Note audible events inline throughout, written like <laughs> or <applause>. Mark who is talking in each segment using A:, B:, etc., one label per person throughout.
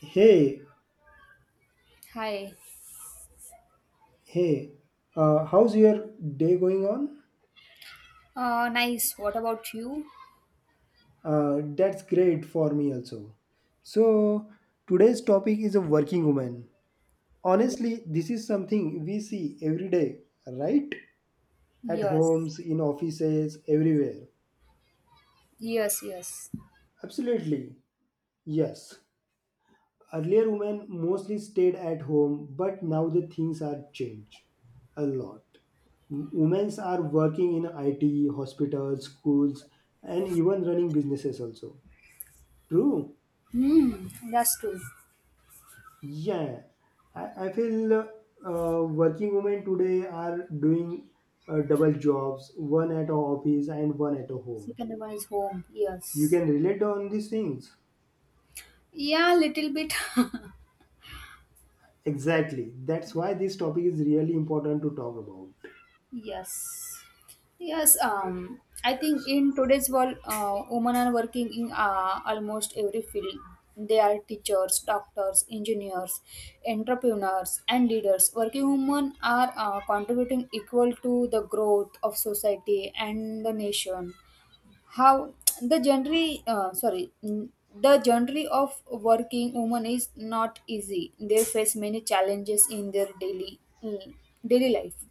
A: Hey,
B: Hi.
A: hey, how's your day going on?
B: Nice. What about you?
A: That's great for me also. So, Today's topic is a working woman.
B: Ye-
A: Honestly, this is something we see every day, right? At
B: Yes.
A: homes, in offices, everywhere.
B: Yes, yes.
A: Absolutely, yes. Earlier, women mostly stayed at home, but now the things are changed a lot. Women are working in IT, hospitals, schools, and even running businesses also. True?
B: Hmm, that's true.
A: Yeah. I feel working women today are doing double jobs, one at a office and one at a home.
B: Second one is home.
A: You
B: Yes.
A: can relate on these things.
B: Yeah, little bit. <laughs>
A: Exactly. That's why this topic is really important to talk about.
B: Yes. Yes, I think in today's world, women are working in almost every field. They are teachers, doctors, engineers, entrepreneurs, and leaders. Working women are contributing equal to the growth of society and the nation. How the genre —sorry— the genre of working woman is not easy. They face many challenges in their daily daily life.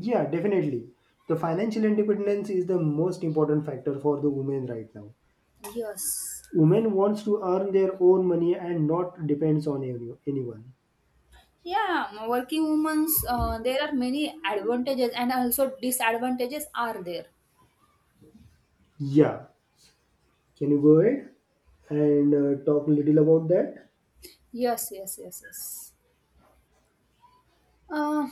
A: Yeah, definitely. The financial independence is the most important factor for the women right now.
B: Yes.
A: Women wants to earn their own money and not depends on anyone.
B: Yeah, working women's, there are many advantages and also disadvantages are there.
A: Yeah. Can you go ahead and talk a little about that?
B: Yes, yes, yes, yes. Uh,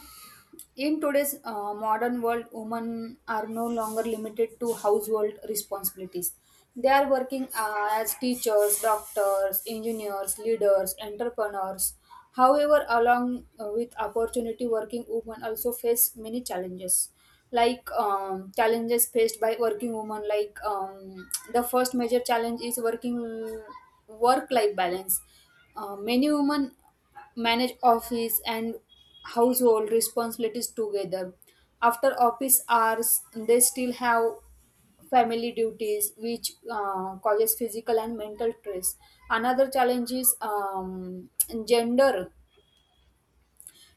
B: in today's modern world, women are no longer limited to household responsibilities. They are working as teachers, doctors, engineers, leaders, entrepreneurs. However, along with opportunity, working women also face many challenges. Like challenges faced by working women, like the first major challenge is working work-life balance. Many women manage office and household responsibilities together. After office hours, they still have family duties, which causes physical and mental stress. Another challenge is gender.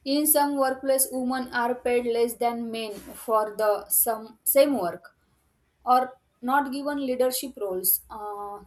B: In some workplace, women are paid less than men for the same work or not given leadership roles.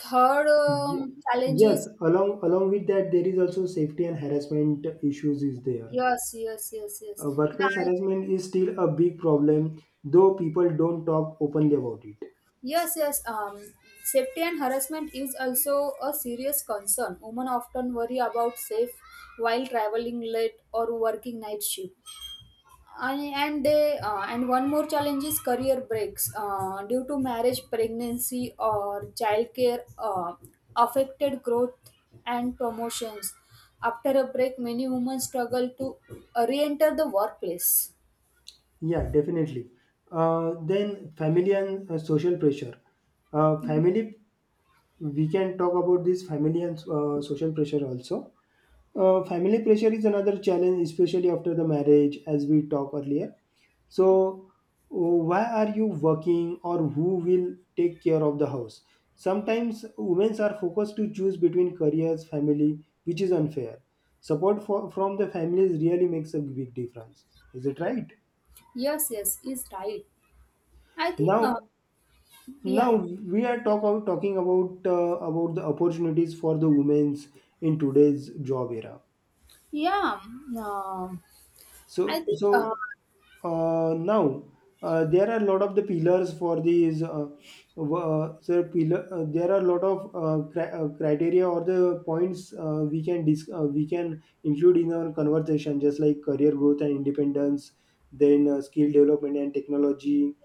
B: Third
A: Ye-
B: challenge
A: Yes,
B: is—
A: along with that, there is also safety and harassment issues is there.
B: Yes, yes, yes, yes.
A: Workplace
B: Yeah.
A: harassment is still a big problem, though people don't talk openly about it.
B: Yes, yes. Safety and harassment is also a serious concern. Women often worry about safe while traveling late or working night shift. And they and one more challenge is career breaks due to marriage, pregnancy, or childcare affected growth and promotions. After a break, many women struggle to re-enter the workplace.
A: Yeah, definitely. Then family and social pressure. Family, we can talk about this family and social pressure also. Family pressure is another challenge, especially after the marriage, as we talked earlier. So, uh, why are you working or who will take care of the house? Sometimes women are focused to choose between careers, family, which is unfair. Support from the families really makes a big difference. Is it right?
B: Yes, yes, is right. I think.
A: Now,
B: Yeah,
A: now
B: yeah.
A: we are talking about the opportunities for the women's in today's job era.
B: Yeah, um, I
A: so
B: think
A: so Now there are a lot of the pillars for these w- sir pillar, there are a lot of criteria or the points we can we can include in our conversation, just like career growth and independence, then skill development and technology.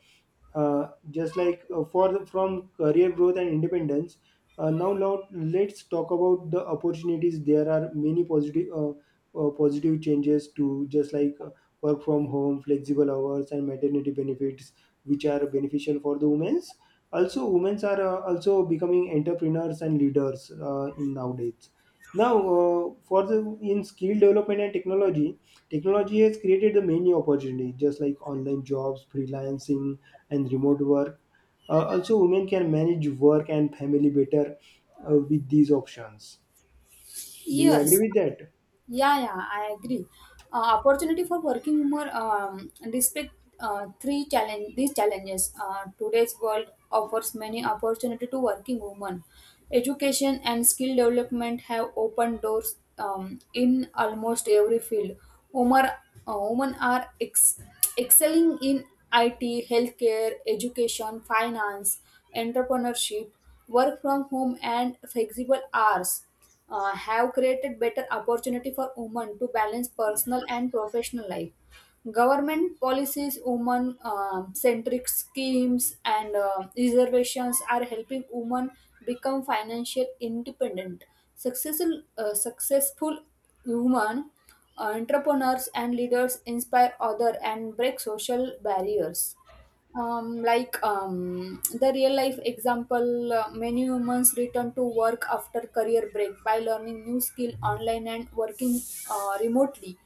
A: Just like for the, from career growth and independence, now let's talk about the opportunities. There are many positive positive changes, to just like work from home, flexible hours, and maternity benefits, which are beneficial for the women's. Also, women are also becoming entrepreneurs and leaders in nowadays. Now for the, in skill development and technology, technology has created the many opportunity, just like online jobs, freelancing, and remote work. Also, women can manage work and family better with these options. Do you agree
B: Yes.
A: with that?
B: Yeah, yeah, I agree. Opportunity for working women, despite three challenge these challenges. Today's world offers many opportunity to working women. Education and skill development have opened doors in almost every field. Women, women are excelling in IT, healthcare, education, finance, entrepreneurship, work from home, and flexible hours have created better opportunity for women to balance personal and professional life. Government policies, women centric schemes, and reservations are helping women become financial independent. Successful women entrepreneurs and leaders inspire others and break social barriers, like the real life example. Uh, many humans return to work after career break by learning new skill online and working remotely.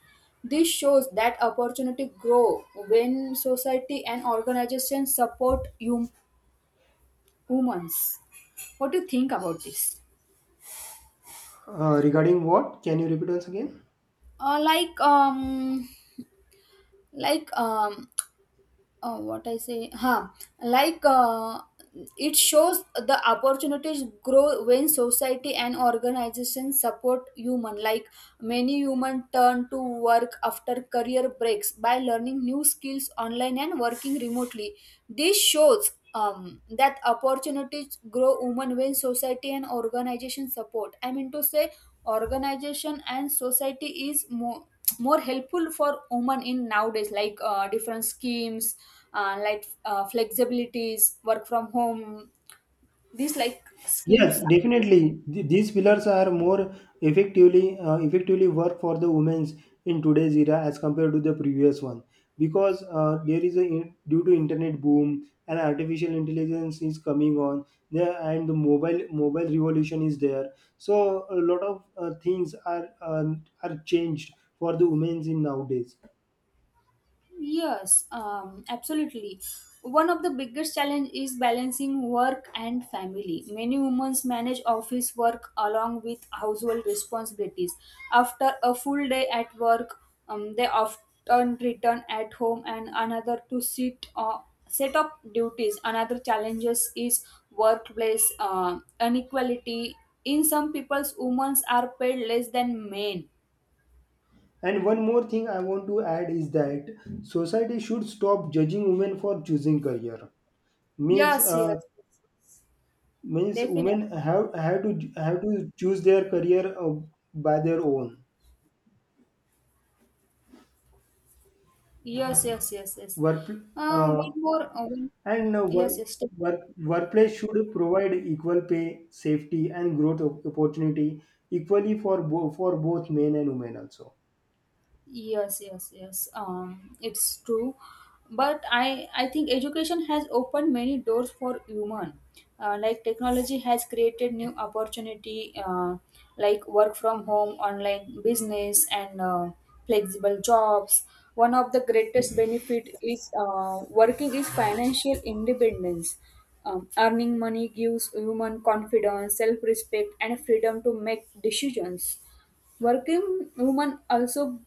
B: This shows that opportunity grow when society and organizations support humans. What do you think about this?
A: Regarding what? Can you repeat once again?
B: Uh, like um like um uh, what I say, huh? Like it shows the opportunities grow when society and organizations support human. Like many human turn to work after career breaks by learning new skills online and working remotely. This shows that opportunities grow women when society and organization support. I mean to say, organization and society is more helpful for women in nowadays, like different schemes, like flexibilities, work from home, these like
A: Yes,
B: schemes.
A: definitely. These pillars are more effectively work for the women's in today's era as compared to the previous one, because there is a due to internet boom and artificial intelligence is coming on there, and the mobile revolution is there. So a lot of things are changed for the women's in nowadays.
B: Yes, absolutely. One of the biggest challenge is balancing work and family. Many women manage office work along with household responsibilities. After a full day at work, they often return at home and another to sit or set up duties. Another challenges is workplace inequality. In some people's, women are paid less than men.
A: And one more thing I want to add is that society should stop judging women for choosing career means.
B: Yes, yes, yes,
A: Means
B: definitely.
A: women have to choose their career by their own
B: Yes, yes, yes, yes.
A: work, uh,
B: One more.
A: and
B: Yes, yes.
A: workplace should provide equal pay, safety, and growth opportunity equally for for both men and women also.
B: Yes, yes, yes. It's true, but I think education has opened many doors for human. Like technology has created new opportunity, like work from home, online business, and flexible jobs. One of the greatest benefit is working is financial independence. Earning money gives human confidence, self-respect, and freedom to make decisions. Working women also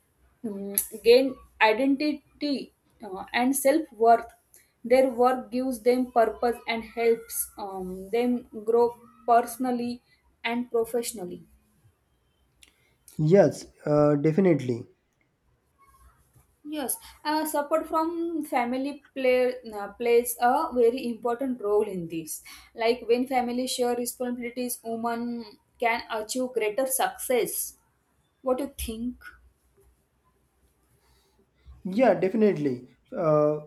B: gain identity and self worth. Their work gives them purpose and helps them grow personally and professionally.
A: Yes, definitely.
B: Yes, support from family plays a very important role in this. Like when family share responsibilities, women can achieve greater success. What do you think?
A: Yeah, definitely. Uh,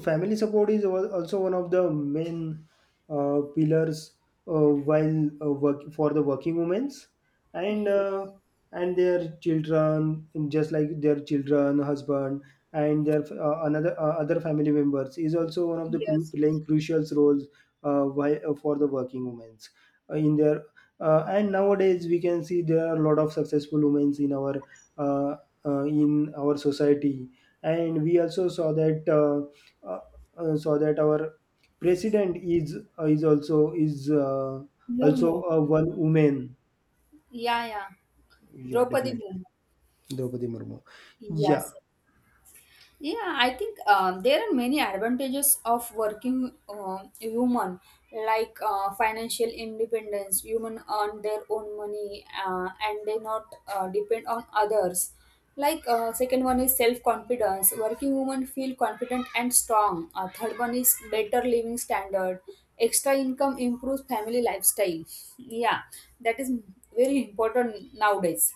A: Family support is also one of the main pillars while work for the working women's, and
B: Yes,
A: their children, just like their children, husband, and their another other family members, is also one of the
B: yes,
A: playing crucial roles while, for the working women's in their. And nowadays we can see there are a lot of successful women uh, in our society, and we also uh, saw that our president is
B: more,
A: also
B: more.
A: a one woman.
B: Yeah, yeah.
A: Yeah,
B: Draupadi
A: definitely.
B: Murmu.
A: Draupadi Murmu. Yeah.
B: Yes. Yeah, I think there are many advantages of working human, like financial independence. Human earn their own money and they not depend on others. Like second one is self confidence. Working women feel confident and strong. Third one is better living standard. Extra income improves family lifestyle. <laughs> Yeah, that is very important nowadays.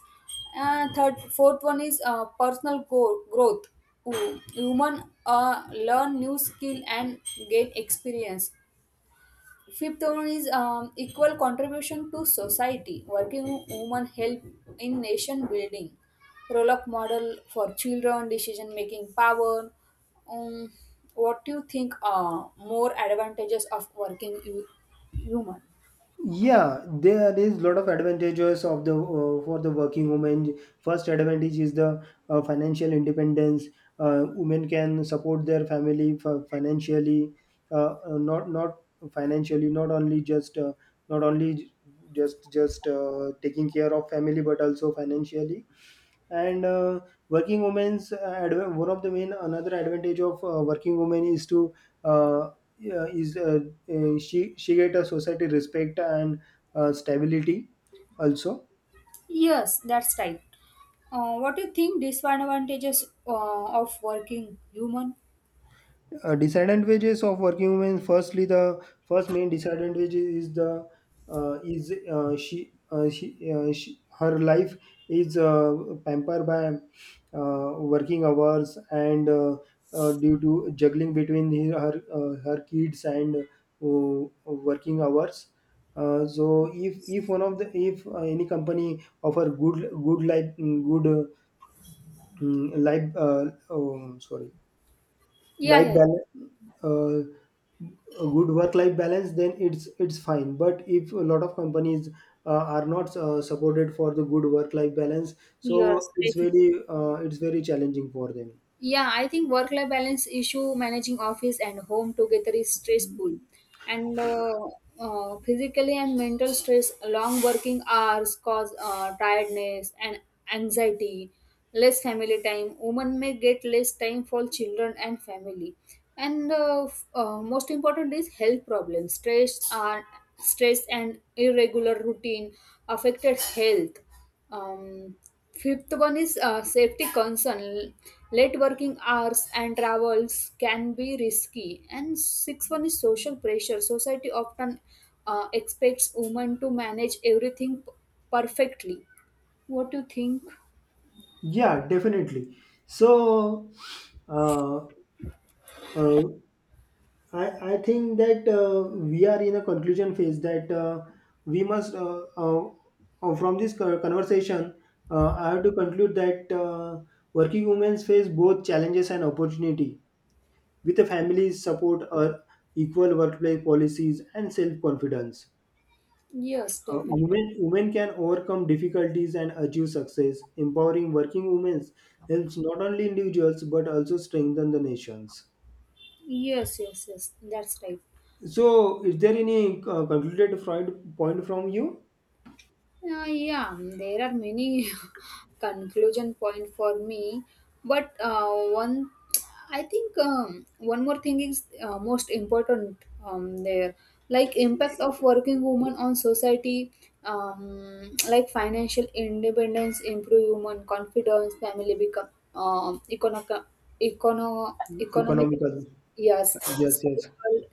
B: Fourth one is personal growth. Human learn new skill and gain experience. Fifth one is equal contribution to society. Working women help in nation building. Role of model for children, decision making power. Um, what do you think are more advantages of working woman?
A: Yeah, there is lot of advantages of the for the working women. First advantage is the financial independence. Women can support their family financially, not financially, not only just not only just taking care of family, but also financially. And working women's one of the main another advantage of working women is to uh, yeah, is she get a society respect and stability also.
B: Yes, that's right. What do you think disadvantages of working human?
A: Disadvantages of working women. Firstly, the first main disadvantage is the she, her life is pampered by working hours and due to juggling between her kids and working hours. So if one of the, if any company offer good, good life good mm, life sorry
B: Yeah,
A: life
B: yeah, yeah.
A: balance uh, a good work life balance, then it's fine. But if a lot of companies uh, are not supported for the good work life balance, so
B: Yes,
A: it's
B: definitely.
A: really it's very challenging for them.
B: Yeah, I think work life balance issue managing office and home together is stressful. And physically and mental stress, long working hours cause tiredness and anxiety, less family time. Women may get less time for children and family. And most important is health problems. Stress and irregular routine affected health. Um, fifth one is safety concern. Late working hours and travels can be risky. And sixth one is social pressure. Society often expects women to manage everything perfectly. What do you think?
A: Yeah, definitely. so uh, uh, I think that we are in a conclusion phase that we must, uh, uh, from this conversation, I have to conclude that working women face both challenges and opportunity. With a family's support, equal workplace policies, and self confidence,
B: Yes, definitely.
A: Women can overcome difficulties and achieve success. Empowering working women helps not only individuals but also strengthen the nations.
B: Yes, yes, yes. That's right.
A: So, is there any concluded Freud point from you?
B: Yeah, there are many <laughs> conclusion point for me, but one, I think one more thing is most important. um, there, like impact of working women on society, like financial independence, improve human confidence, family become um, economic,
A: Economical.
B: yes,
A: Yes, yes.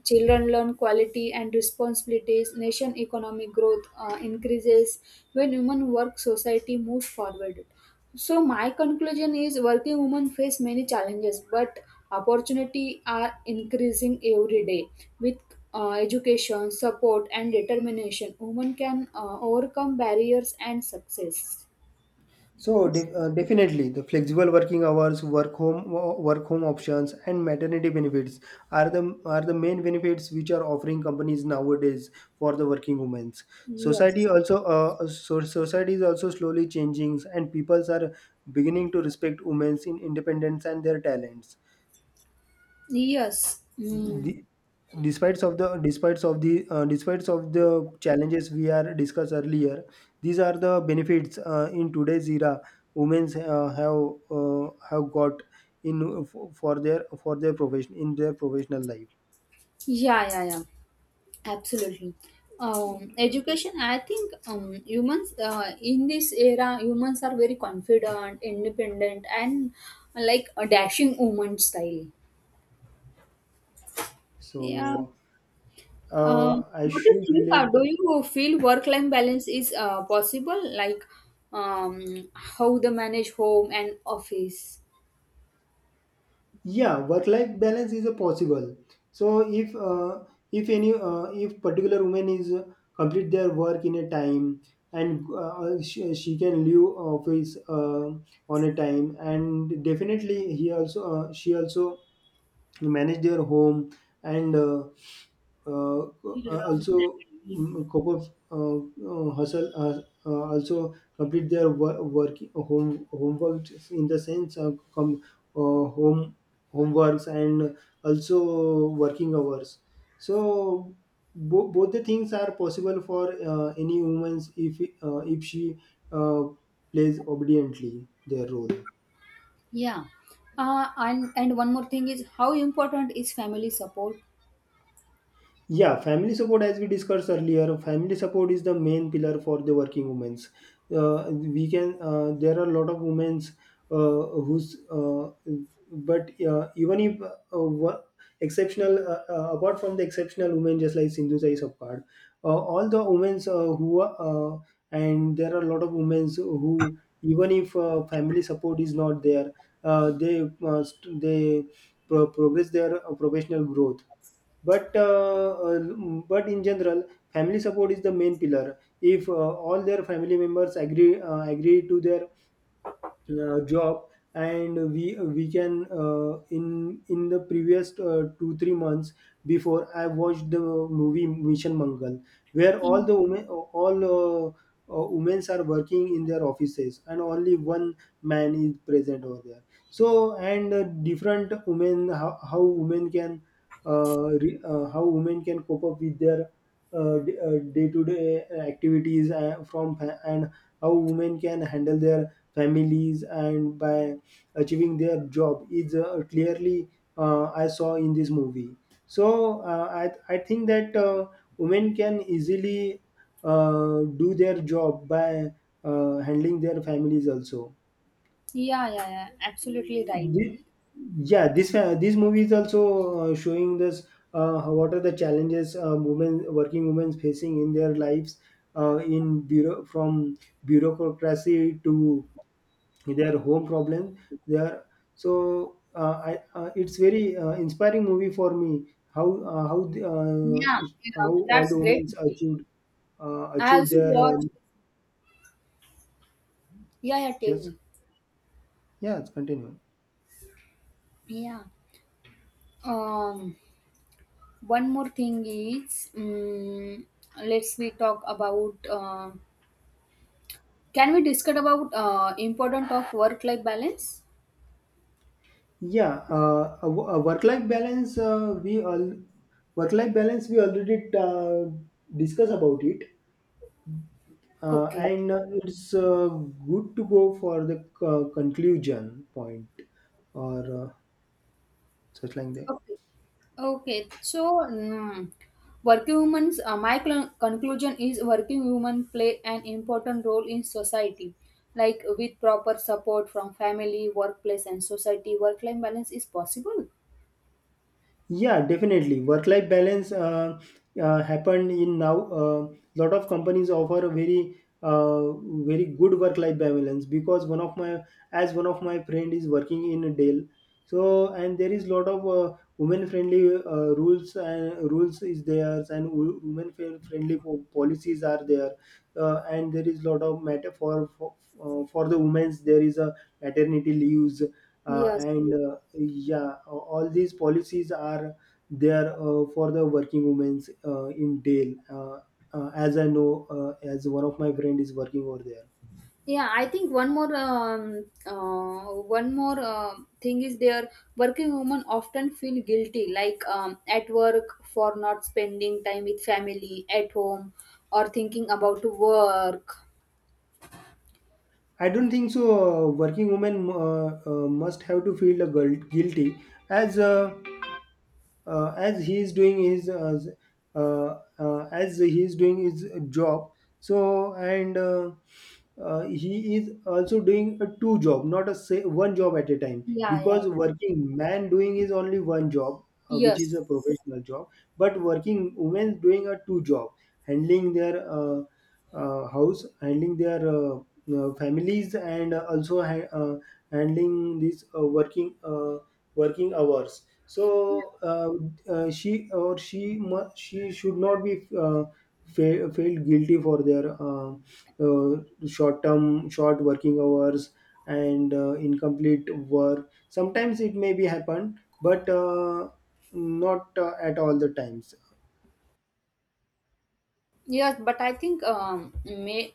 B: children learn quality and responsibilities, nation economic growth increases. When women work, society moves forward. So my conclusion is working women face many challenges, but opportunity are increasing every day with education, support, and determination. Women can overcome barriers and success.
A: So, definitely, the flexible working hours, work home, work home options, and maternity benefits are the, are the main benefits which are offering companies nowadays for the working women.
B: Yes.
A: Society also, so society is also slowly changing, and peoples are beginning to respect women's in independence and their talents.
B: Yes. Mm.
A: The, despite of the despite of the Despite of the challenges we are discussed earlier, these are the benefits in today's era women have got in for their, for their profession, in their professional life.
B: Yeah, yeah, yeah. Absolutely. Education, I think humans in this era, humans are very confident, independent, and like a dashing woman style.
A: So
B: Yeah.
A: I
B: What do you
A: should
B: think?
A: let
B: Do you feel work-life balance is possible? Like how the manage home and office?
A: Yeah, work life balance is a possible. So if any, if particular woman is complete their work in a time, and she can leave office on a time, and definitely he also, she also manage their home, and uh,
B: Yeah.
A: also cope up, hustle, also complete their work home homework in the sense of come home homeworks and also working hours. So both the things are possible for any woman if she uh, plays obediently their role.
B: Yeah. And one more thing is, how important is family support?
A: Yeah, family support, as we discussed earlier, family support is the main pillar for the working women. We can, there are a lot of women who's, but even if wo- exceptional, apart from the exceptional women, just like Sindhu Sai Sapkar, all the women's and there are a lot of women's who, even if family support is not there, they progress their professional growth. but uh, uh, but in general, family support is the main pillar. If all their family members agree to their job. And we can in the previous 2-3 months before, I watched the movie Mission Mangal, where all the women, all women are working in their offices and only one man is present over there. So and Different women, how women can how women can cope up with their day-to-day activities, from fa- and how women can handle their families and by achieving their job is clearly, I saw in this movie. So I think that women can easily do their job by handling their families also.
B: Yeah, yeah, yeah. Absolutely right.
A: Thi- yeah, this this movie is also showing this, what are the challenges, women working women facing in their lives in bureau from bureaucracy to their home problem they are. So it's very inspiring movie for me, how
B: Yeah,
A: how
B: yeah,
A: all
B: that's
A: the
B: great.
A: women achieved,
B: I
A: achieved
B: also
A: their. Uh,
B: watch. Yeah, yeah, tell
A: yes,
B: me.
A: yeah, it's continue.
B: Yeah. Um, one more thing is, let's we talk about. Can we discuss about important of work life balance?
A: Yeah a, wo- a Work life balance, we all work life balance we already discuss about it,
B: Okay.
A: and it's good to go for the conclusion point or such like that.
B: Okay. Okay. So, mm, working women's, my conclusion is working women play an important role in society. Like with proper support from family, workplace, and society, work life balance is possible.
A: Yeah, definitely. Work-life balance happened in now. A lot of companies offer a very, uh, very good work-life balance because as one of my friend is working in Dell, so and there is lot of women-friendly rules and rules is there and wo- women-friendly policies are there, and there is lot of matter for the women's there is a maternity leaves uh,
B: Yes.
A: and uh, all these policies are there, for the working women's in Dale, as I know, as one of my friend is working over there.
B: Yeah, I think one more thing is there. Working women often feel guilty, like at work for not spending time with family at home, or thinking about work.
A: I don't think so, working women must have to feel guilty as uh, as he is doing his as he is doing his job. So and He is also doing a two job, not a say, one job at a time,
B: Yeah, yeah,
A: because
B: yeah.
A: working man doing is only one job, which is
B: Yes,
A: a professional job, but working women doing a two job, handling their house, handling their families, and also handling this working working hours. So she or she should not be felt guilty for their short term short working hours, and incomplete work sometimes it may be happen, but not, at all the times.
B: yes, but I think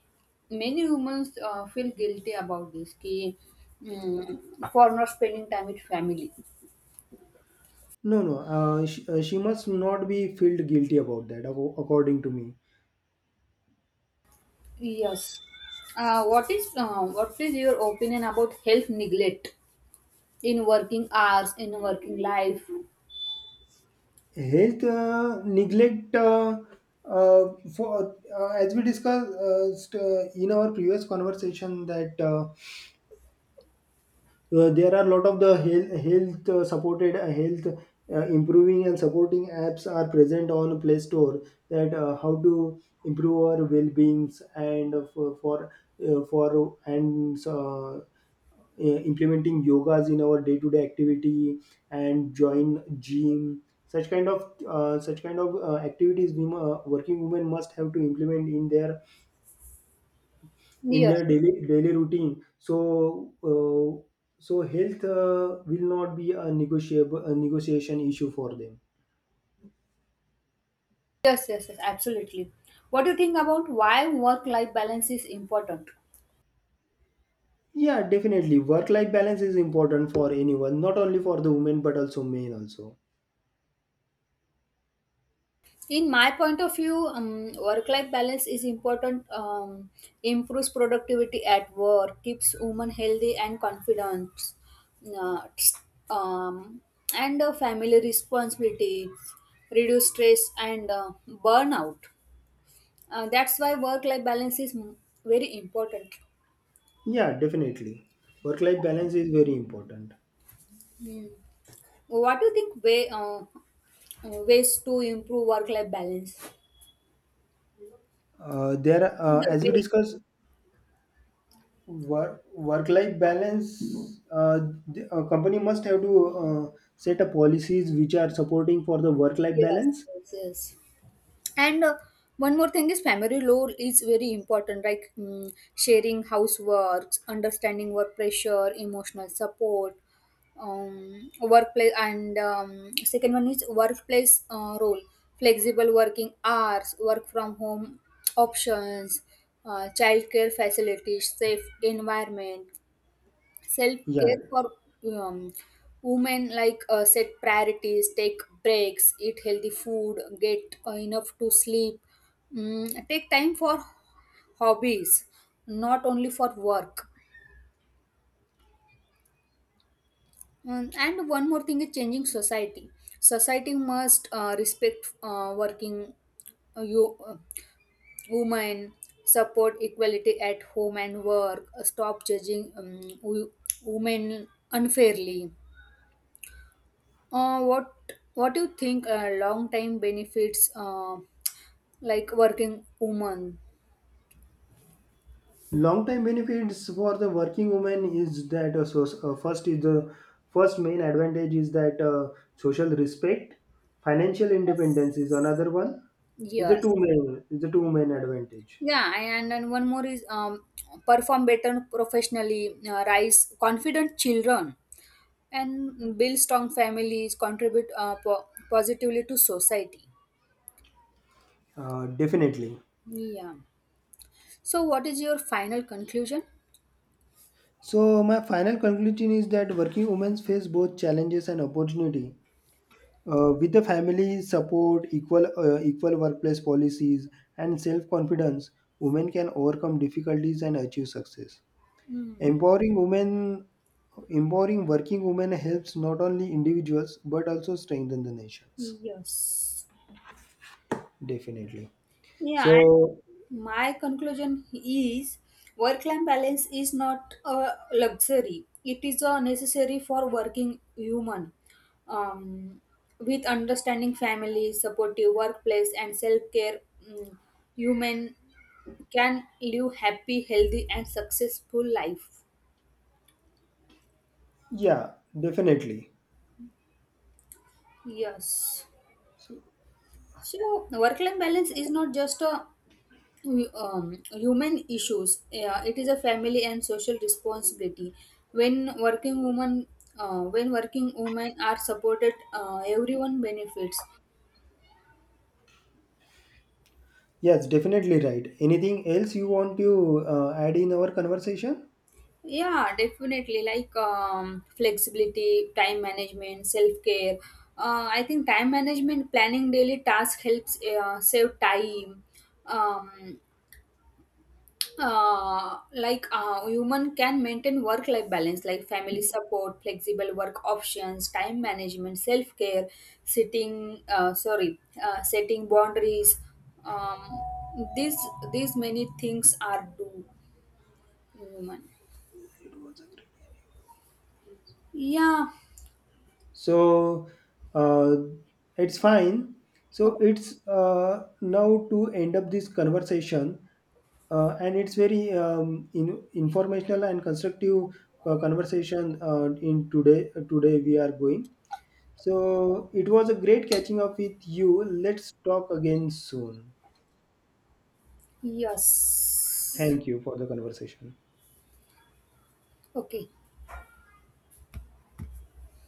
B: many humans feel guilty about this, mm, for not spending time with family.
A: No, no, she must not be felt guilty about that, according to me.
B: Yes. Uh, what is your opinion about health neglect in working hours, in working life?
A: Health neglect, uh, for as we discussed, in our previous conversation that, there are a lot of the health supported, health improving and supporting apps are present on Play Store, that how to improve our well-beings, and for and implementing yogas in our day-to-day activity and join gym. Such kind of activities working women must have to implement in their, in
B: Yes,
A: their daily daily routine, so, uh, so health will not be a negotiable a negotiation issue for them.
B: yes, yes, yes, absolutely. What do you think about why work-life balance is important?
A: Yeah, definitely, work life balance is important for anyone, not only for the women but also men also.
B: In my point of view, work life balance is important. Improves productivity at work, keeps women healthy and confident, uh, um, and family responsibility, reduce stress and burnout. Uh, that's why work life balance is very important.
A: Yeah, definitely, work life balance is very important.
B: Hmm. What do you think way ways to improve work life balance,
A: There
B: the
A: As we
B: way?
A: discuss, work life balance, uh, the, a company must have to, uh, set up policies which are supporting for the work life
B: Yes,
A: balance.
B: yes, yes. And one more thing is family role is very important, like sharing houseworks, understanding work pressure, emotional support, workplace, and second one is workplace role, flexible working hours, work from home options, childcare facilities, safe environment, self
A: Yeah,
B: care for um, women, like set priorities, take breaks, eat healthy food, get enough to sleep, take time for hobbies, not only for work. Mm, and one more thing is changing society. Society must respect working you women, support equality at home and work, stop judging women unfairly. Uh, what do you think long time benefits, like working woman?
A: long time benefits for the working woman is that, first is the first main advantage is that, social respect, financial independence is another one, is the
B: Yes.
A: two main advantage.
B: Yeah, and then one more is perform better professionally, raise confident children, and build strong families, contribute positively to society.
A: Definitely.
B: Yeah. So, what is your final conclusion?
A: So my final conclusion is that working women face both challenges and opportunity, with the family support, equal workplace policies, and self confidence, women can overcome difficulties and achieve success.
B: Hmm.
A: Empowering women, empowering working women helps not only individuals but also strengthen the nations.
B: Yes.
A: Definitely.
B: Yeah,
A: So
B: and my conclusion is work life balance is not a luxury, it is a necessary for working human. Um, with understanding family, supportive workplace, and self care, mm human can live happy, healthy, and successful life.
A: yeah, definitely.
B: Yes. So work life balance is not just a human issues. Yeah, it is a family and social responsibility. When working women, when working women are supported, everyone benefits.
A: Yes, definitely right. Anything else you want to add in our conversation?
B: Yeah, definitely. Like flexibility, time management, self care. I think time management, planning daily tasks helps save time. Um, like, human can maintain work life balance, like family support, flexible work options, time management, self care, sitting. Sorry setting boundaries. Um, these these many things are do in human.
A: It was a great-
B: Yeah.
A: so uh, it's fine,
B: Oh,
A: so it's, now to end up this conversation, and it's very informational and constructive conversation, in today today we are going, so it was a great catching up with you, let's talk again soon.
B: yes.
A: Thank you for the conversation.
B: Okay.